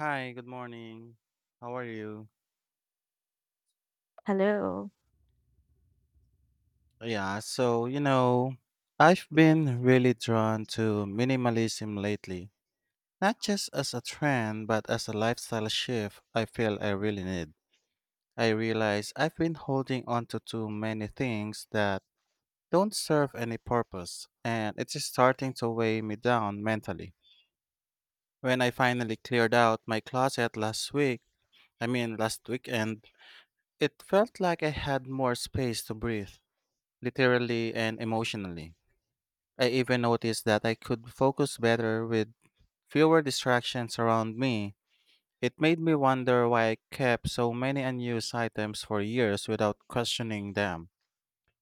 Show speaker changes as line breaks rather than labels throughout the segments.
Hi, good morning. How are you?
Hello.
Yeah, so, you know, I've been really drawn to minimalism lately, not just as a trend, but as a lifestyle shift I feel I really need. I realize I've been holding on to too many things that don't serve any purpose, and it's starting to weigh me down mentally. When I finally cleared out my closet last week, last weekend, it felt like I had more space to breathe, literally and emotionally. I even noticed that I could focus better with fewer distractions around me. It made me wonder why I kept so many unused items for years without questioning them.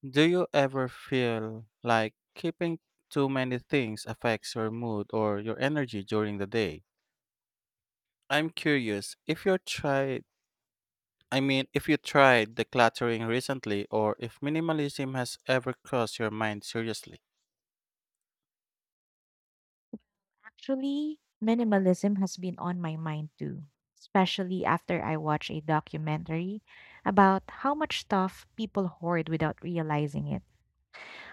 Do you ever feel like keeping too many things affects your mood or your energy during the day? I'm curious if you tried, if you tried decluttering recently or if minimalism has ever crossed your mind seriously.
Actually, minimalism has been on my mind too, especially after I watched a documentary about how much stuff people hoard without realizing it.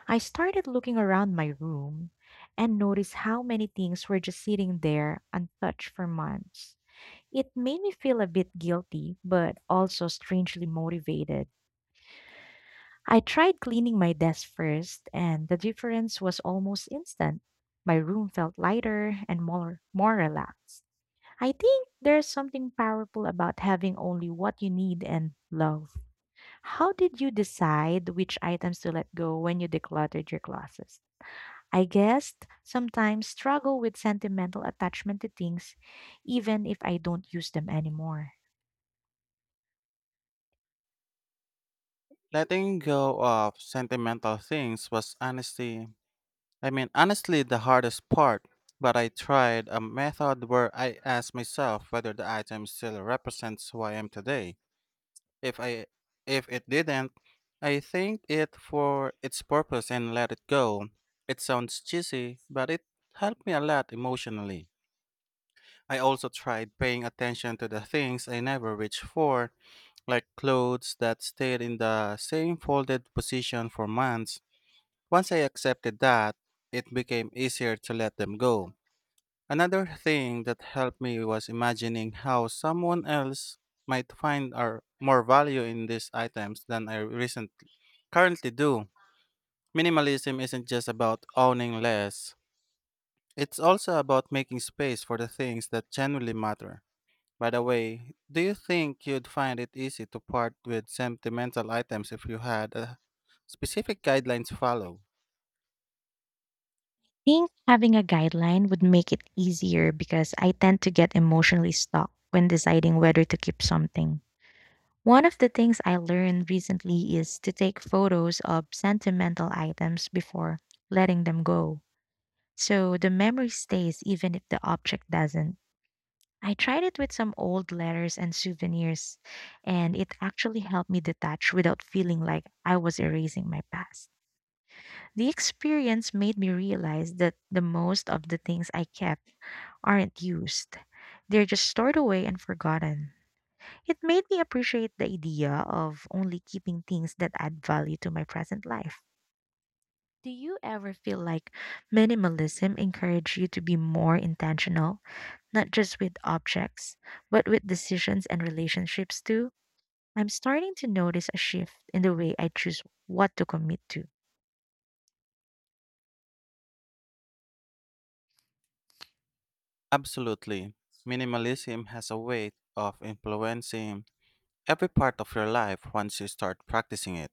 I started looking around my room and noticed how many things were just sitting there untouched for months. It made me feel a bit guilty, but also strangely motivated. I tried cleaning my desk first, and the difference was almost instant. My room felt lighter and more relaxed. I think there's something powerful about having only what you need and love. How did you decide which items to let go when you decluttered your closets? I guess sometimes struggle with sentimental attachment to things even if I don't use them anymore.
Letting go of sentimental things was honestly, the hardest part. But I tried a method where I asked myself whether the item still represents who I am today. If I, if it didn't, I thanked it for its purpose and let it go. It sounds cheesy, but it helped me a lot emotionally. I also tried paying attention to the things I never reached for, like clothes that stayed in the same folded position for months. Once I accepted that, it became easier to let them go. Another thing that helped me was imagining how someone else might find or more value in these items than I recently currently do. Minimalism isn't just about owning less. It's also about making space for the things that genuinely matter. By the way, do you think you'd find it easy to part with sentimental items if you had a specific guidelines to follow?
Think having a guideline would make it easier because I tend to get emotionally stuck when deciding whether to keep something. One of the things I learned recently is to take photos of sentimental items before letting them go, so the memory stays even if the object doesn't. I tried it with some old letters and souvenirs, and it actually helped me detach without feeling like I was erasing my past. The experience made me realize that the most of the things I kept aren't used. They're just stored away and forgotten. It made me appreciate the idea of only keeping things that add value to my present life. Do you ever feel like minimalism encouraged you to be more intentional, not just with objects, but with decisions and relationships too? I'm starting to notice a shift in the way I choose what to commit to.
Absolutely. Minimalism has a way of influencing every part of your life once you start practicing it.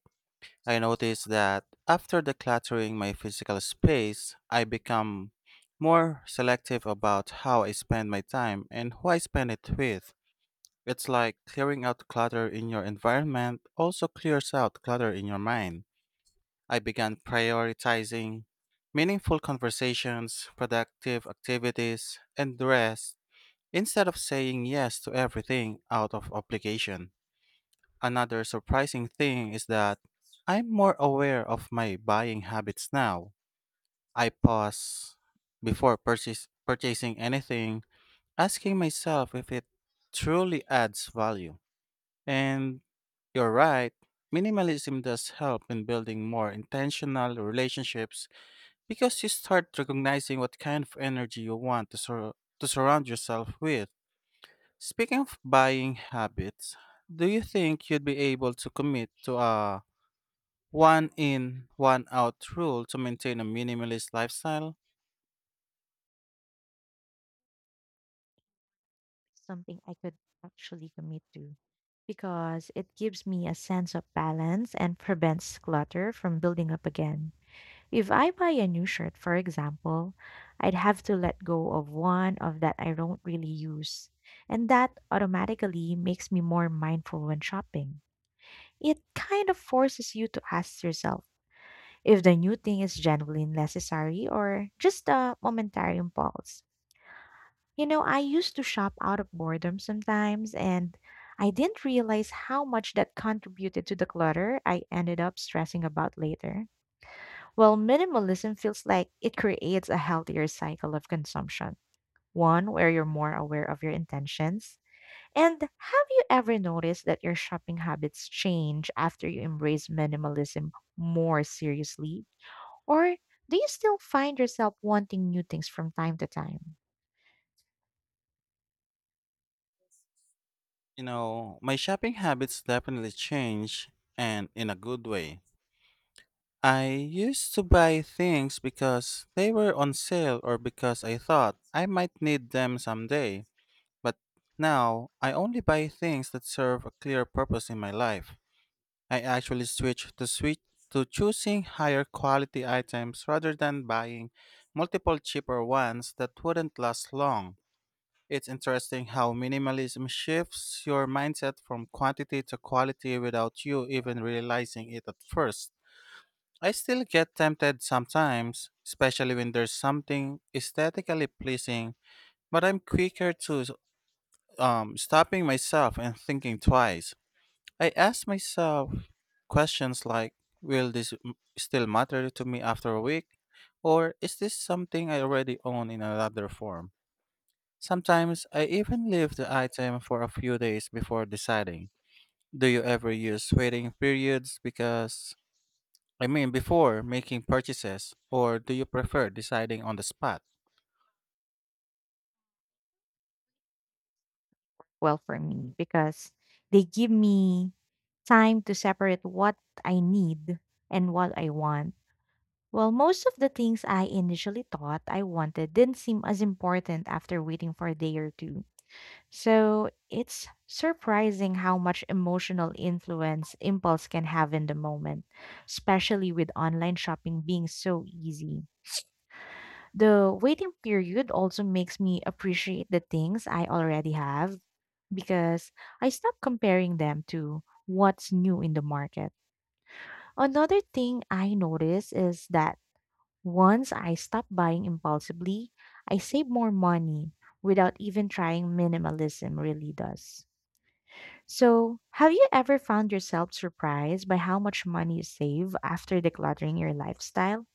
I noticed that after decluttering my physical space, I become more selective about how I spend my time and who I spend it with. It's like clearing out clutter in your environment also clears out clutter in your mind. I began prioritizing meaningful conversations, productive activities, and rest instead of saying yes to everything out of obligation. Another surprising thing is that I'm more aware of my buying habits now. I pause before purchasing anything, asking myself if it truly adds value. And You're right. Minimalism does help in building more intentional relationships because you start recognizing what kind of energy you want to surround yourself with. Speaking of buying habits, do you think you'd be able to commit to a one in, one out rule to maintain a minimalist lifestyle?
Something I could actually commit to, because it gives me a sense of balance and prevents clutter from building up again. If I buy a new shirt, for example, I'd have to let go of one of that I don't really use. And that automatically makes me more mindful when shopping. It kind of forces you to ask yourself if the new thing is genuinely necessary or just a momentary impulse. You know, I used to shop out of boredom sometimes, and I didn't realize how much that contributed to the clutter I ended up stressing about later. Well, minimalism feels like it creates a healthier cycle of consumption, one where you're more aware of your intentions. And have you ever noticed that your shopping habits change after you embrace minimalism more seriously? Or do you still find yourself wanting new things from time to time?
You know, my shopping habits definitely change and in a good way. I used to buy things because they were on sale or because I thought I might need them someday, but now I only buy things that serve a clear purpose in my life. I actually switch to choosing higher quality items rather than buying multiple cheaper ones that wouldn't last long. It's interesting how minimalism shifts your mindset from quantity to quality without you even realizing it at first. I still get tempted sometimes, especially when there's something aesthetically pleasing, but I'm quicker to stopping myself and thinking twice. I ask myself questions like, will this still matter to me after a week? Or is this something I already own in another form? Sometimes I even leave the item for a few days before deciding. Do you ever use waiting periods because, before making purchases, or do you prefer deciding on the spot?
Well, for me, because they give me time to separate what I need and what I want. Well, most of the things I initially thought I wanted didn't seem as important after waiting for a day or two. So it's surprising how much emotional influence impulse can have in the moment, especially with online shopping being so easy. The waiting period also makes me appreciate the things I already have, because I stop comparing them to what's new in the market. Another thing I notice is that once I stop buying impulsively, I save more money without even trying. Minimalism really does. So, have you ever found yourself surprised by how much money you save after decluttering your lifestyle?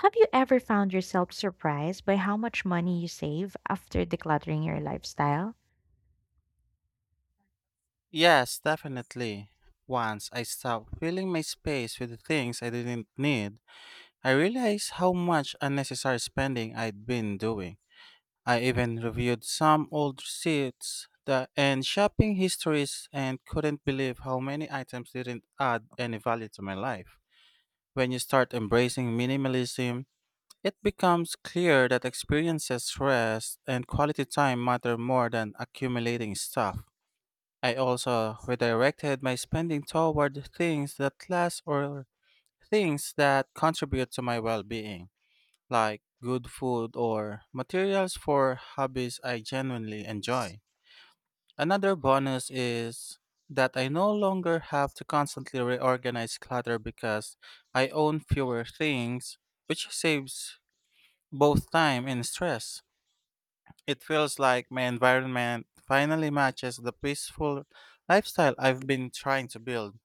Have you ever found yourself surprised by how much money you save after decluttering your lifestyle?
Yes, definitely. Once I stopped filling my space with the things I didn't need, I realized how much unnecessary spending I'd been doing. I even reviewed some old receipts and shopping histories and couldn't believe how many items didn't add any value to my life. When you start embracing minimalism, it becomes clear that experiences, rest, and quality time matter more than accumulating stuff. I also redirected my spending toward things that last or things that contribute to my well being, like good food or materials for hobbies I genuinely enjoy. Another bonus is that I no longer have to constantly reorganize clutter because I own fewer things, which saves both time and stress. It feels like my environment finally matches the peaceful lifestyle I've been trying to build.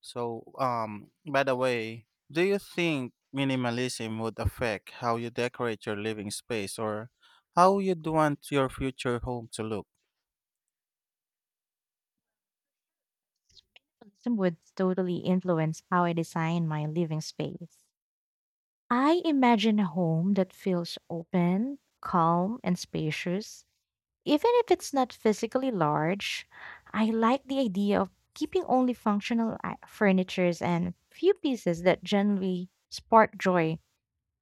So, by the way, do you think minimalism would affect how you decorate your living space or how you'd want your future home to look?
Some would totally influence how I design my living space. I imagine a home that feels open, calm, and spacious. Even if it's not physically large, I like the idea of keeping only functional furnitures and few pieces that generally spark joy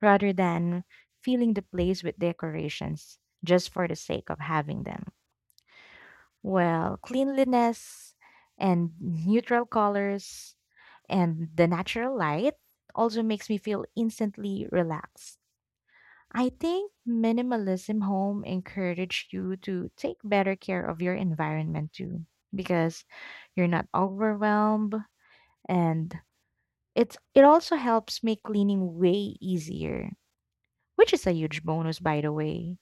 rather than filling the place with decorations just for the sake of having them. Well, cleanliness and neutral colors and the natural light also makes me feel instantly relaxed. I think minimalism home encourage you to take better care of your environment too, because you're not overwhelmed, and it also helps make cleaning way easier, which is a huge bonus, by the way.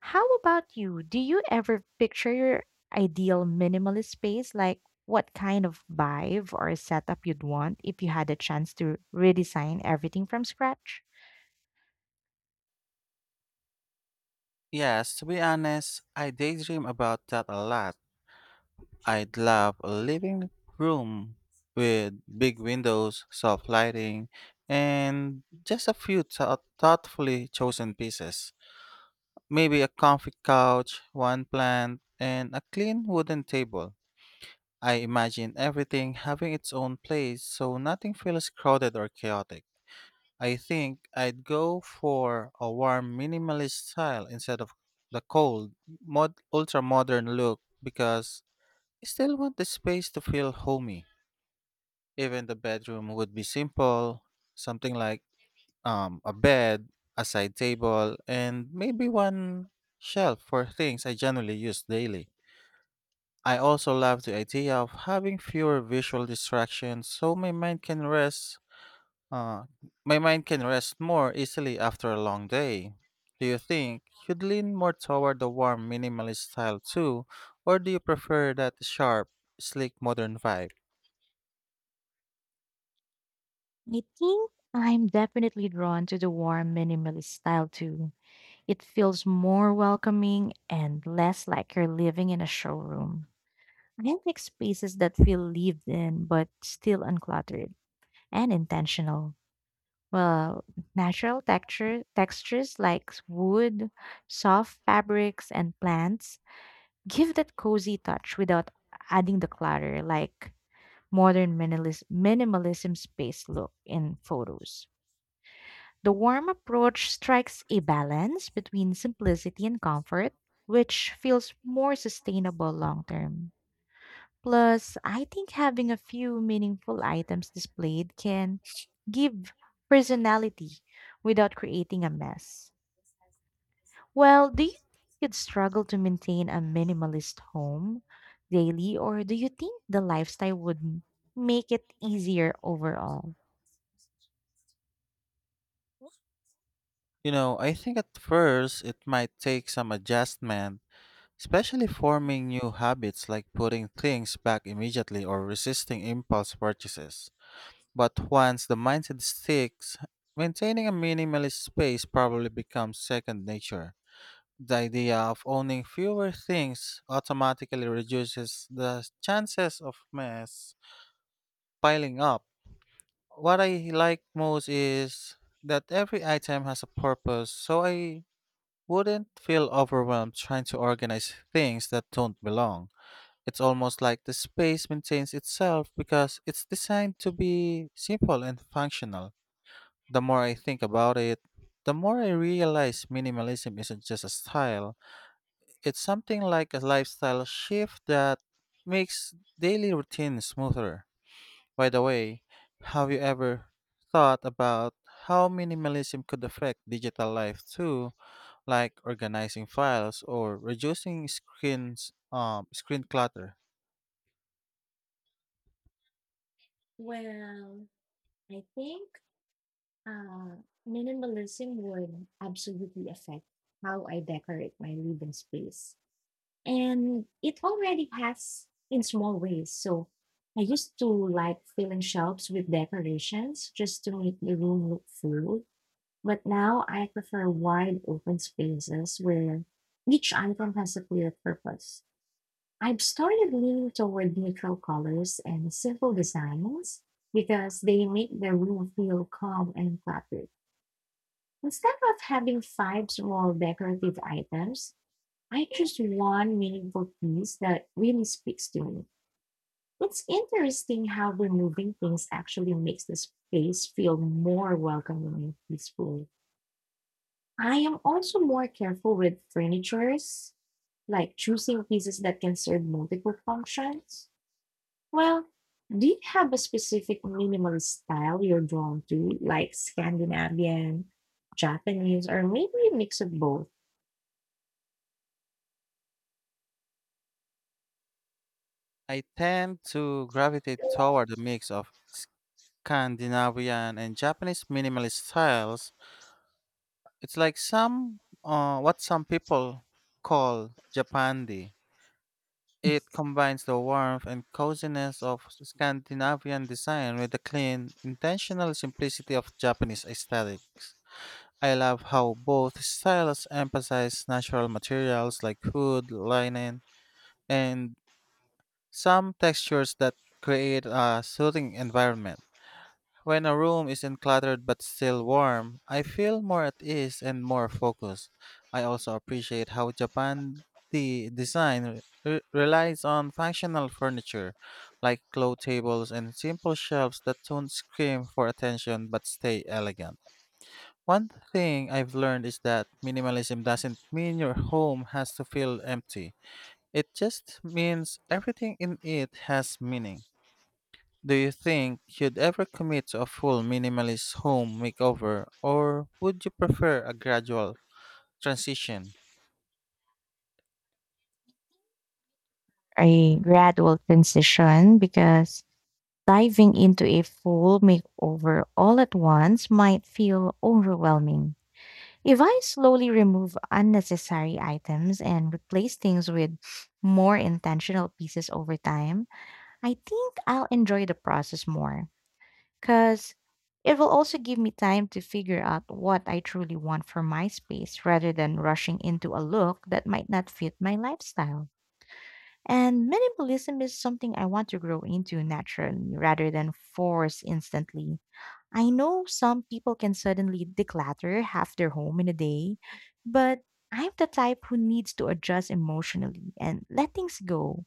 How about you? Do you ever picture your ideal minimalist space? Like, what kind of vibe or setup you'd want if you had a chance to redesign everything from scratch?
Yes, to be honest, I daydream about that a lot. I'd love a living room with big windows, soft lighting, and just a few thoughtfully chosen pieces. Maybe a comfy couch, one plant, and a clean wooden table. I imagine everything having its own place so nothing feels crowded or chaotic. I think I'd go for a warm minimalist style instead of the cold, ultra modern look because I still want the space to feel homey. Even the bedroom would be simple, something like a bed, a side table, and maybe one shelf for things I generally use daily. I also love the idea of having fewer visual distractions so uh, my mind can rest more easily after a long day. Do you think you'd lean more toward the warm minimalist style too, or do you prefer that sharp, sleek modern vibe?
I think I'm definitely drawn to the warm minimalist style too. It feels more welcoming and less like you're living in a showroom. I like spaces that feel lived in but still uncluttered and intentional. Well, natural textures like wood, soft fabrics, and plants give that cozy touch without adding the clutter like modern minimalism space look in photos. The warm approach strikes a balance between simplicity and comfort, which feels more sustainable long term. Plus, I think having a few meaningful items displayed can give personality without creating a mess. Well, do you think you'd struggle to maintain a minimalist home daily, or do you think the lifestyle would make it easier overall?
You know, I think at first it might take some adjustment, especially forming new habits like putting things back immediately or resisting impulse purchases. But once the mindset sticks, maintaining a minimalist space probably becomes second nature. The idea of owning fewer things automatically reduces the chances of mess piling up. What I like most is that every item has a purpose, so I wouldn't feel overwhelmed trying to organize things that don't belong. It's almost like the space maintains itself because it's designed to be simple and functional. The more I think about it, the more I realize minimalism isn't just a style, it's something like a lifestyle shift that makes daily routine smoother. By the way, have you ever thought about how minimalism could affect digital life too, like organizing files or reducing screen clutter?
Well, I think uh, minimalism would absolutely affect how I decorate my living space. And it already has in small ways. So I used to like filling shelves with decorations just to make the room look full. But now I prefer wide open spaces where each item has a clear purpose. I've started leaning toward neutral colors and simple designs because they make the room feel calm and cluttered. Instead of having five small decorative items, I choose one meaningful piece that really speaks to me. It's interesting how removing things actually makes the space feel more welcoming and peaceful. I am also more careful with furnitures, like choosing pieces that can serve multiple functions. Well, do you have a specific minimalist style you're drawn to, like Scandinavian, Japanese, or maybe a mix of both?
I tend to gravitate toward a mix of Scandinavian and Japanese minimalist styles. It's like some what some people call Japandi. It combines the warmth and coziness of Scandinavian design with the clean, intentional simplicity of Japanese aesthetics. I love how both styles emphasize natural materials like wood, linen, and some textures that create a soothing environment. When a room isn't cluttered but still warm, I feel more at ease and more focused. I also appreciate how Japan the design relies on functional furniture like low tables and simple shelves that don't scream for attention but stay elegant. One thing I've learned is that minimalism doesn't mean your home has to feel empty. It just means everything in it has meaning. Do you think you'd ever commit to a full minimalist home makeover, or would you prefer a gradual transition?
A gradual transition, because diving into a full makeover all at once might feel overwhelming. If I slowly remove unnecessary items and replace things with more intentional pieces over time, I think I'll enjoy the process more, because it will also give me time to figure out what I truly want for my space rather than rushing into a look that might not fit my lifestyle. And minimalism is something I want to grow into naturally rather than force instantly. I know some people can suddenly declutter half their home in a day, but I'm the type who needs to adjust emotionally and let things go.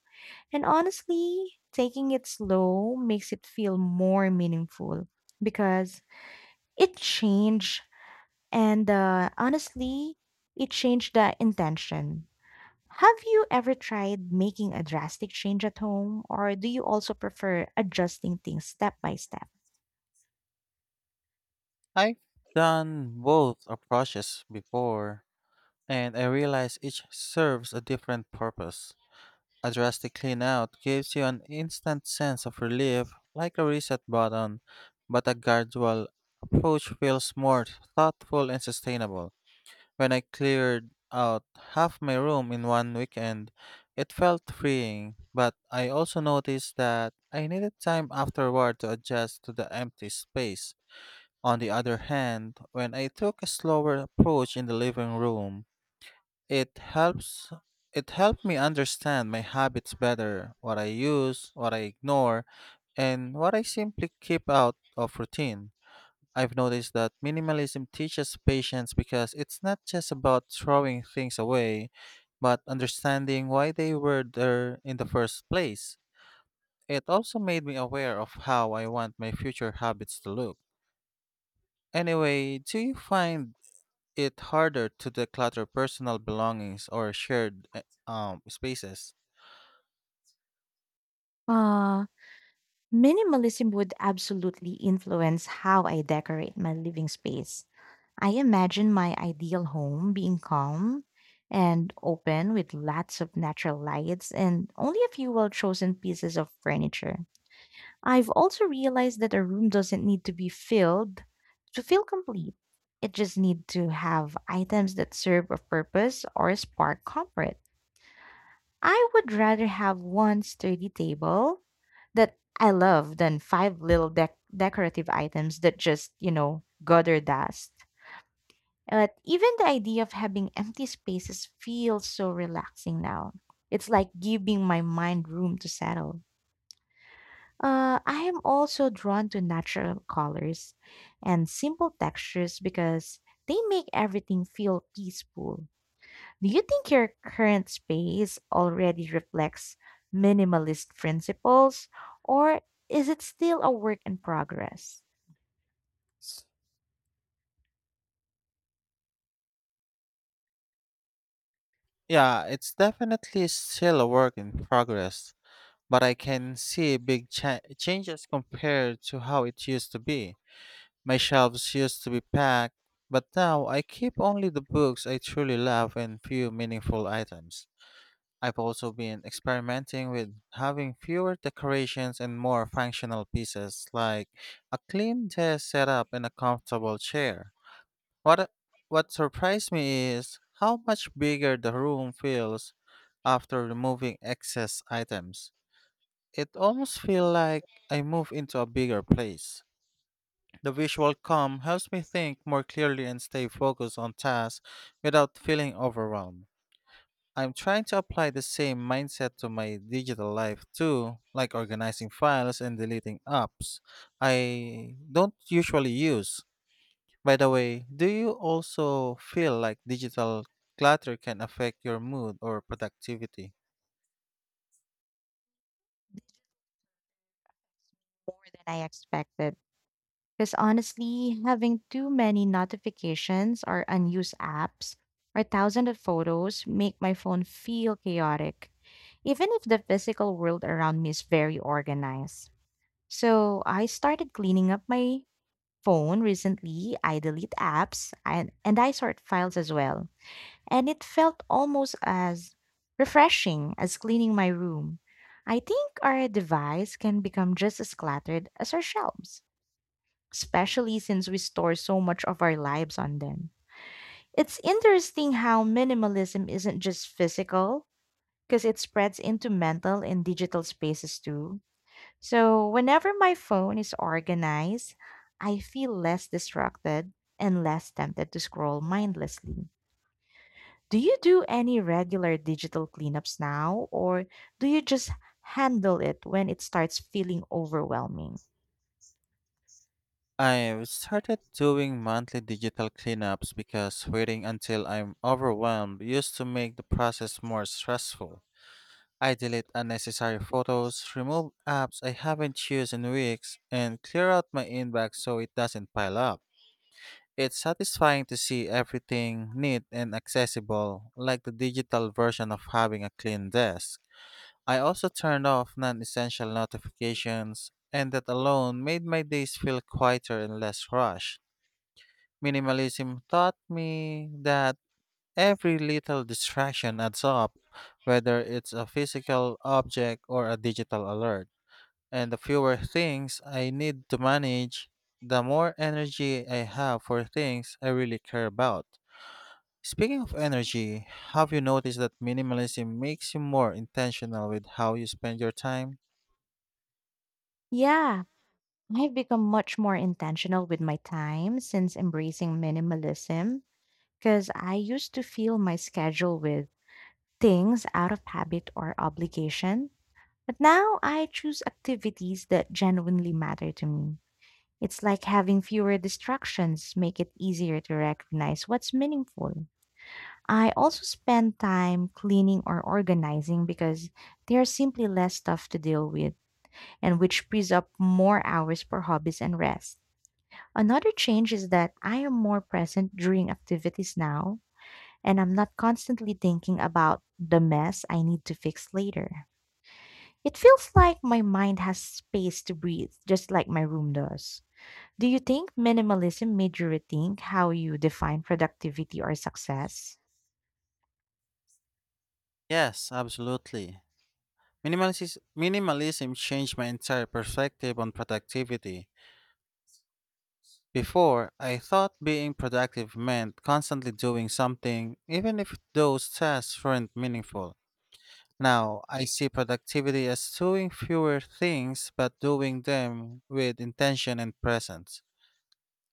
And honestly, taking it slow makes it feel more meaningful, because it changed and honestly, it changed the intention. Have you ever tried making a drastic change at home, or do you also prefer adjusting things step by step?
I've done both approaches before, and I realize each serves a different purpose. A drastic clean out gives you an instant sense of relief, like a reset button, but a gradual approach feels more thoughtful and sustainable. When I cleared out half my room in one weekend, it felt freeing, but I also noticed that I needed time afterward to adjust to the empty space. On the other hand, when I took a slower approach in the living room, it helps it helped me understand my habits better, what I use, what I ignore, and what I simply keep out of routine. I've noticed that minimalism teaches patience because it's not just about throwing things away, but understanding why they were there in the first place. It also made me aware of how I want my future habits to look. Anyway, do you find it harder to declutter personal belongings or shared spaces?
Uh, Minimalism would absolutely influence how I decorate my living space. I imagine my ideal home being calm and open with lots of natural lights and only a few well chosen pieces of furniture. I've also realized that a room doesn't need to be filled to feel complete. It just needs to have items that serve a purpose or spark comfort. I would rather have one sturdy table that I love than five little decorative items that just gather dust. But even the idea of having empty spaces feels so relaxing now. It's like giving my mind room to settle. I am also drawn to natural colors and simple textures because they make everything feel peaceful. Do you think your current space already reflects minimalist principles, or is it still a work in progress?
Yeah, it's definitely still a work in progress, but I can see big changes compared to how it used to be. My shelves used to be packed, but now I keep only the books I truly love and few meaningful items. I've also been experimenting with having fewer decorations and more functional pieces like a clean desk setup and a comfortable chair. What uh, what surprised me is how much bigger the room feels after removing excess items. It almost feels like I move into a bigger place. The visual calm helps me think more clearly and stay focused on tasks without feeling overwhelmed. I'm trying to apply the same mindset to my digital life too, like organizing files and deleting apps I don't usually use. By the way, do you also feel like digital clutter can affect your mood or productivity?
More than I expected. Because honestly, having too many notifications or unused apps or thousands of photos make my phone feel chaotic, even if the physical world around me is very organized. So I started cleaning up my phone recently. I delete apps, and I sort files as well. And it felt almost as refreshing as cleaning my room. I think our device can become just as cluttered as our shelves, especially since we store so much of our lives on them. It's interesting how minimalism isn't just physical, because it spreads into mental and digital spaces too. So, whenever my phone is organized, I feel less distracted and less tempted to scroll mindlessly. Do you do any regular digital cleanups now, or do you just handle it when it starts feeling overwhelming?
I've started doing monthly digital cleanups because waiting until I'm overwhelmed used to make the process more stressful. I delete unnecessary photos, remove apps I haven't used in weeks, and clear out my inbox so it doesn't pile up. It's satisfying to see everything neat and accessible, like the digital version of having a clean desk. I also turned off non essential notifications, and that alone made my days feel quieter and less rushed. Minimalism taught me that every little distraction adds up, whether it's a physical object or a digital alert. And the fewer things I need to manage, the more energy I have for things I really care about. Speaking of energy, have you noticed that minimalism makes you more intentional with how you spend your time?
Yeah, I've become much more intentional with my time since embracing minimalism, because I used to fill my schedule with things out of habit or obligation. But now I choose activities that genuinely matter to me. It's like having fewer distractions make it easier to recognize what's meaningful. I also spend time cleaning or organizing because there's simply less stuff to deal with, and which frees up more hours for hobbies and rest. Another change is that I am more present during activities now, and I'm not constantly thinking about the mess I need to fix later. It feels like my mind has space to breathe, just like my room does. Do you think minimalism made you rethink how you define productivity or success?
Yes, absolutely. Minimalism changed my entire perspective on productivity. Before, I thought being productive meant constantly doing something, even if those tasks weren't meaningful. Now, I see productivity as doing fewer things but doing them with intention and presence.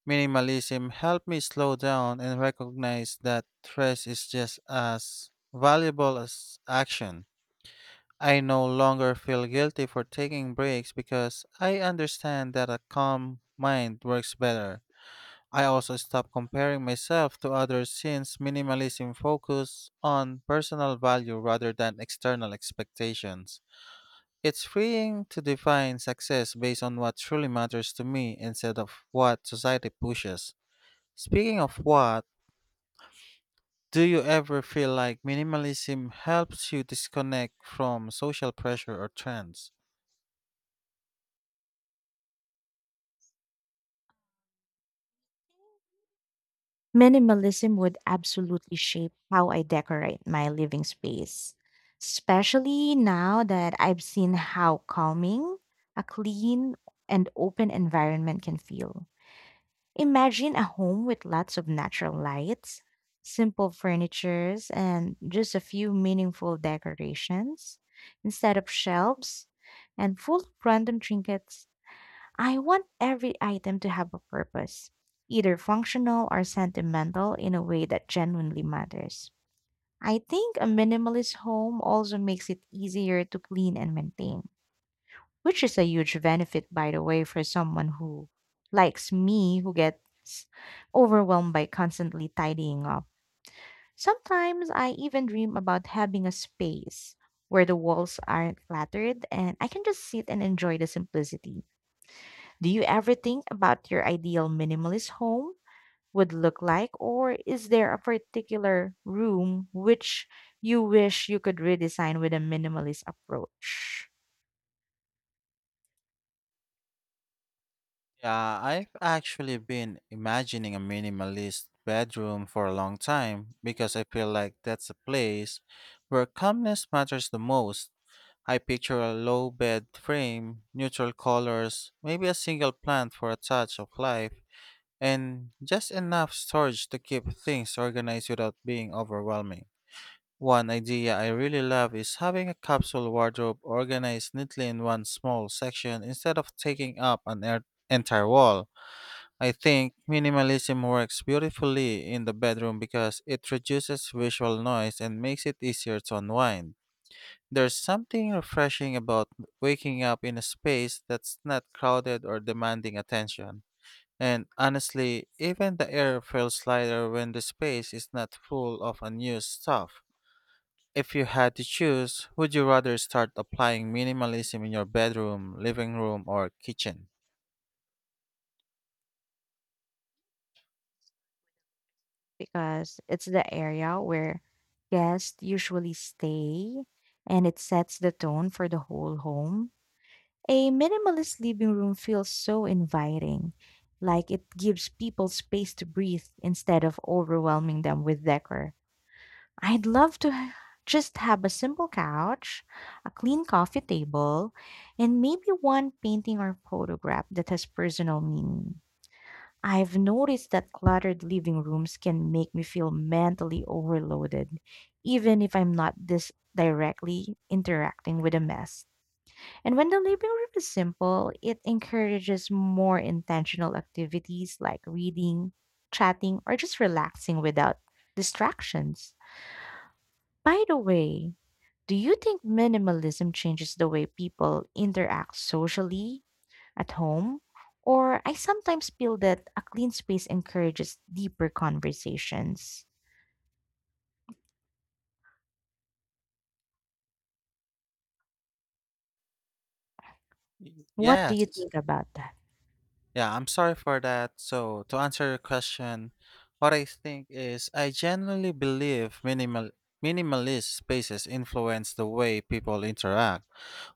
Minimalism helped me slow down and recognize that rest is just as valuable as action. I no longer feel guilty for taking breaks because I understand that a calm mind works better. I also stop comparing myself to others since minimalism focuses on personal value rather than external expectations. It's freeing to define success based on what truly matters to me instead of what society pushes. Speaking of what, do you ever feel like minimalism helps you disconnect from social pressure or trends?
Minimalism would absolutely shape how I decorate my living space, especially now that I've seen how calming a clean and open environment can feel. Imagine a home with lots of natural lights, simple furnitures, and just a few meaningful decorations instead of shelves and full of random trinkets. I want every item to have a purpose, either functional or sentimental in a way that genuinely matters. I think a minimalist home also makes it easier to clean and maintain, which is a huge benefit, by the way, for someone who likes me, who gets overwhelmed by constantly tidying up. Sometimes I even dream about having a space where the walls aren't cluttered and I can just sit and enjoy the simplicity. Do you ever think about your ideal minimalist home would look like, or is there a particular room which you wish you could redesign with a minimalist approach?
Yeah, I've actually been imagining a minimalist bedroom for a long time because I feel like that's a place where calmness matters the most. I picture a low bed frame, neutral colors, maybe a single plant for a touch of life, and just enough storage to keep things organized without being overwhelming. One idea I really love is having a capsule wardrobe organized neatly in one small section instead of taking up an entire wall. I think minimalism works beautifully in the bedroom because it reduces visual noise and makes it easier to unwind. There's something refreshing about waking up in a space that's not crowded or demanding attention. And honestly, even the air feels lighter when the space is not full of unused stuff. If you had to choose, would you rather start applying minimalism in your bedroom, living room, or kitchen?
Because it's the area where guests usually stay and it sets the tone for the whole home. A minimalist living room feels so inviting, like it gives people space to breathe instead of overwhelming them with decor. I'd love to just have a simple couch, a clean coffee table, and maybe one painting or photograph that has personal meaning. I've noticed that cluttered living rooms can make me feel mentally overloaded, even if I'm not this directly interacting with a mess. And when the living room is simple, it encourages more intentional activities like reading, chatting, or just relaxing without distractions. By the way, do you think minimalism changes the way people interact socially at home, or I sometimes feel that a clean space encourages deeper conversations. What do you
Yes.
think about that
Yeah, I'm sorry for that. So, to answer your question, what I think is I genuinely believe minimalist spaces influence the way people interact.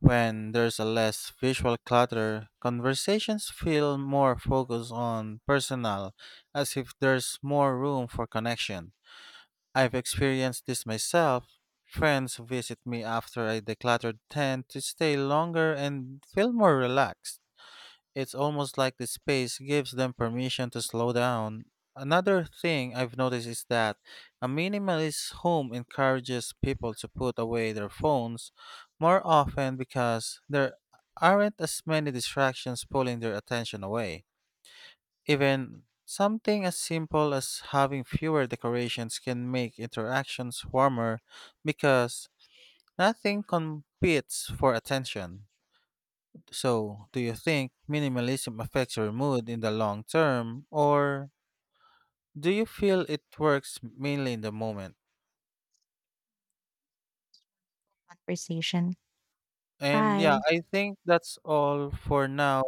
When there's a less visual clutter, conversations feel more focused on personal, as if there's more room for connection. I've experienced this myself. Friends who visit me after I decluttered tend to stay longer and feel more relaxed. It's almost like the space gives them permission to slow down. Another thing I've noticed is that a minimalist home encourages people to put away their phones more often because there aren't as many distractions pulling their attention away. Even something as simple as having fewer decorations can make interactions warmer because nothing competes for attention. So, do you think minimalism affects your mood in the long term, or do you feel it works mainly in the moment?
conversation?
And yeah,
Bye.
I think that's all for now.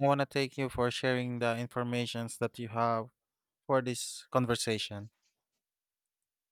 I want to thank you for sharing the informations that you have for this conversation.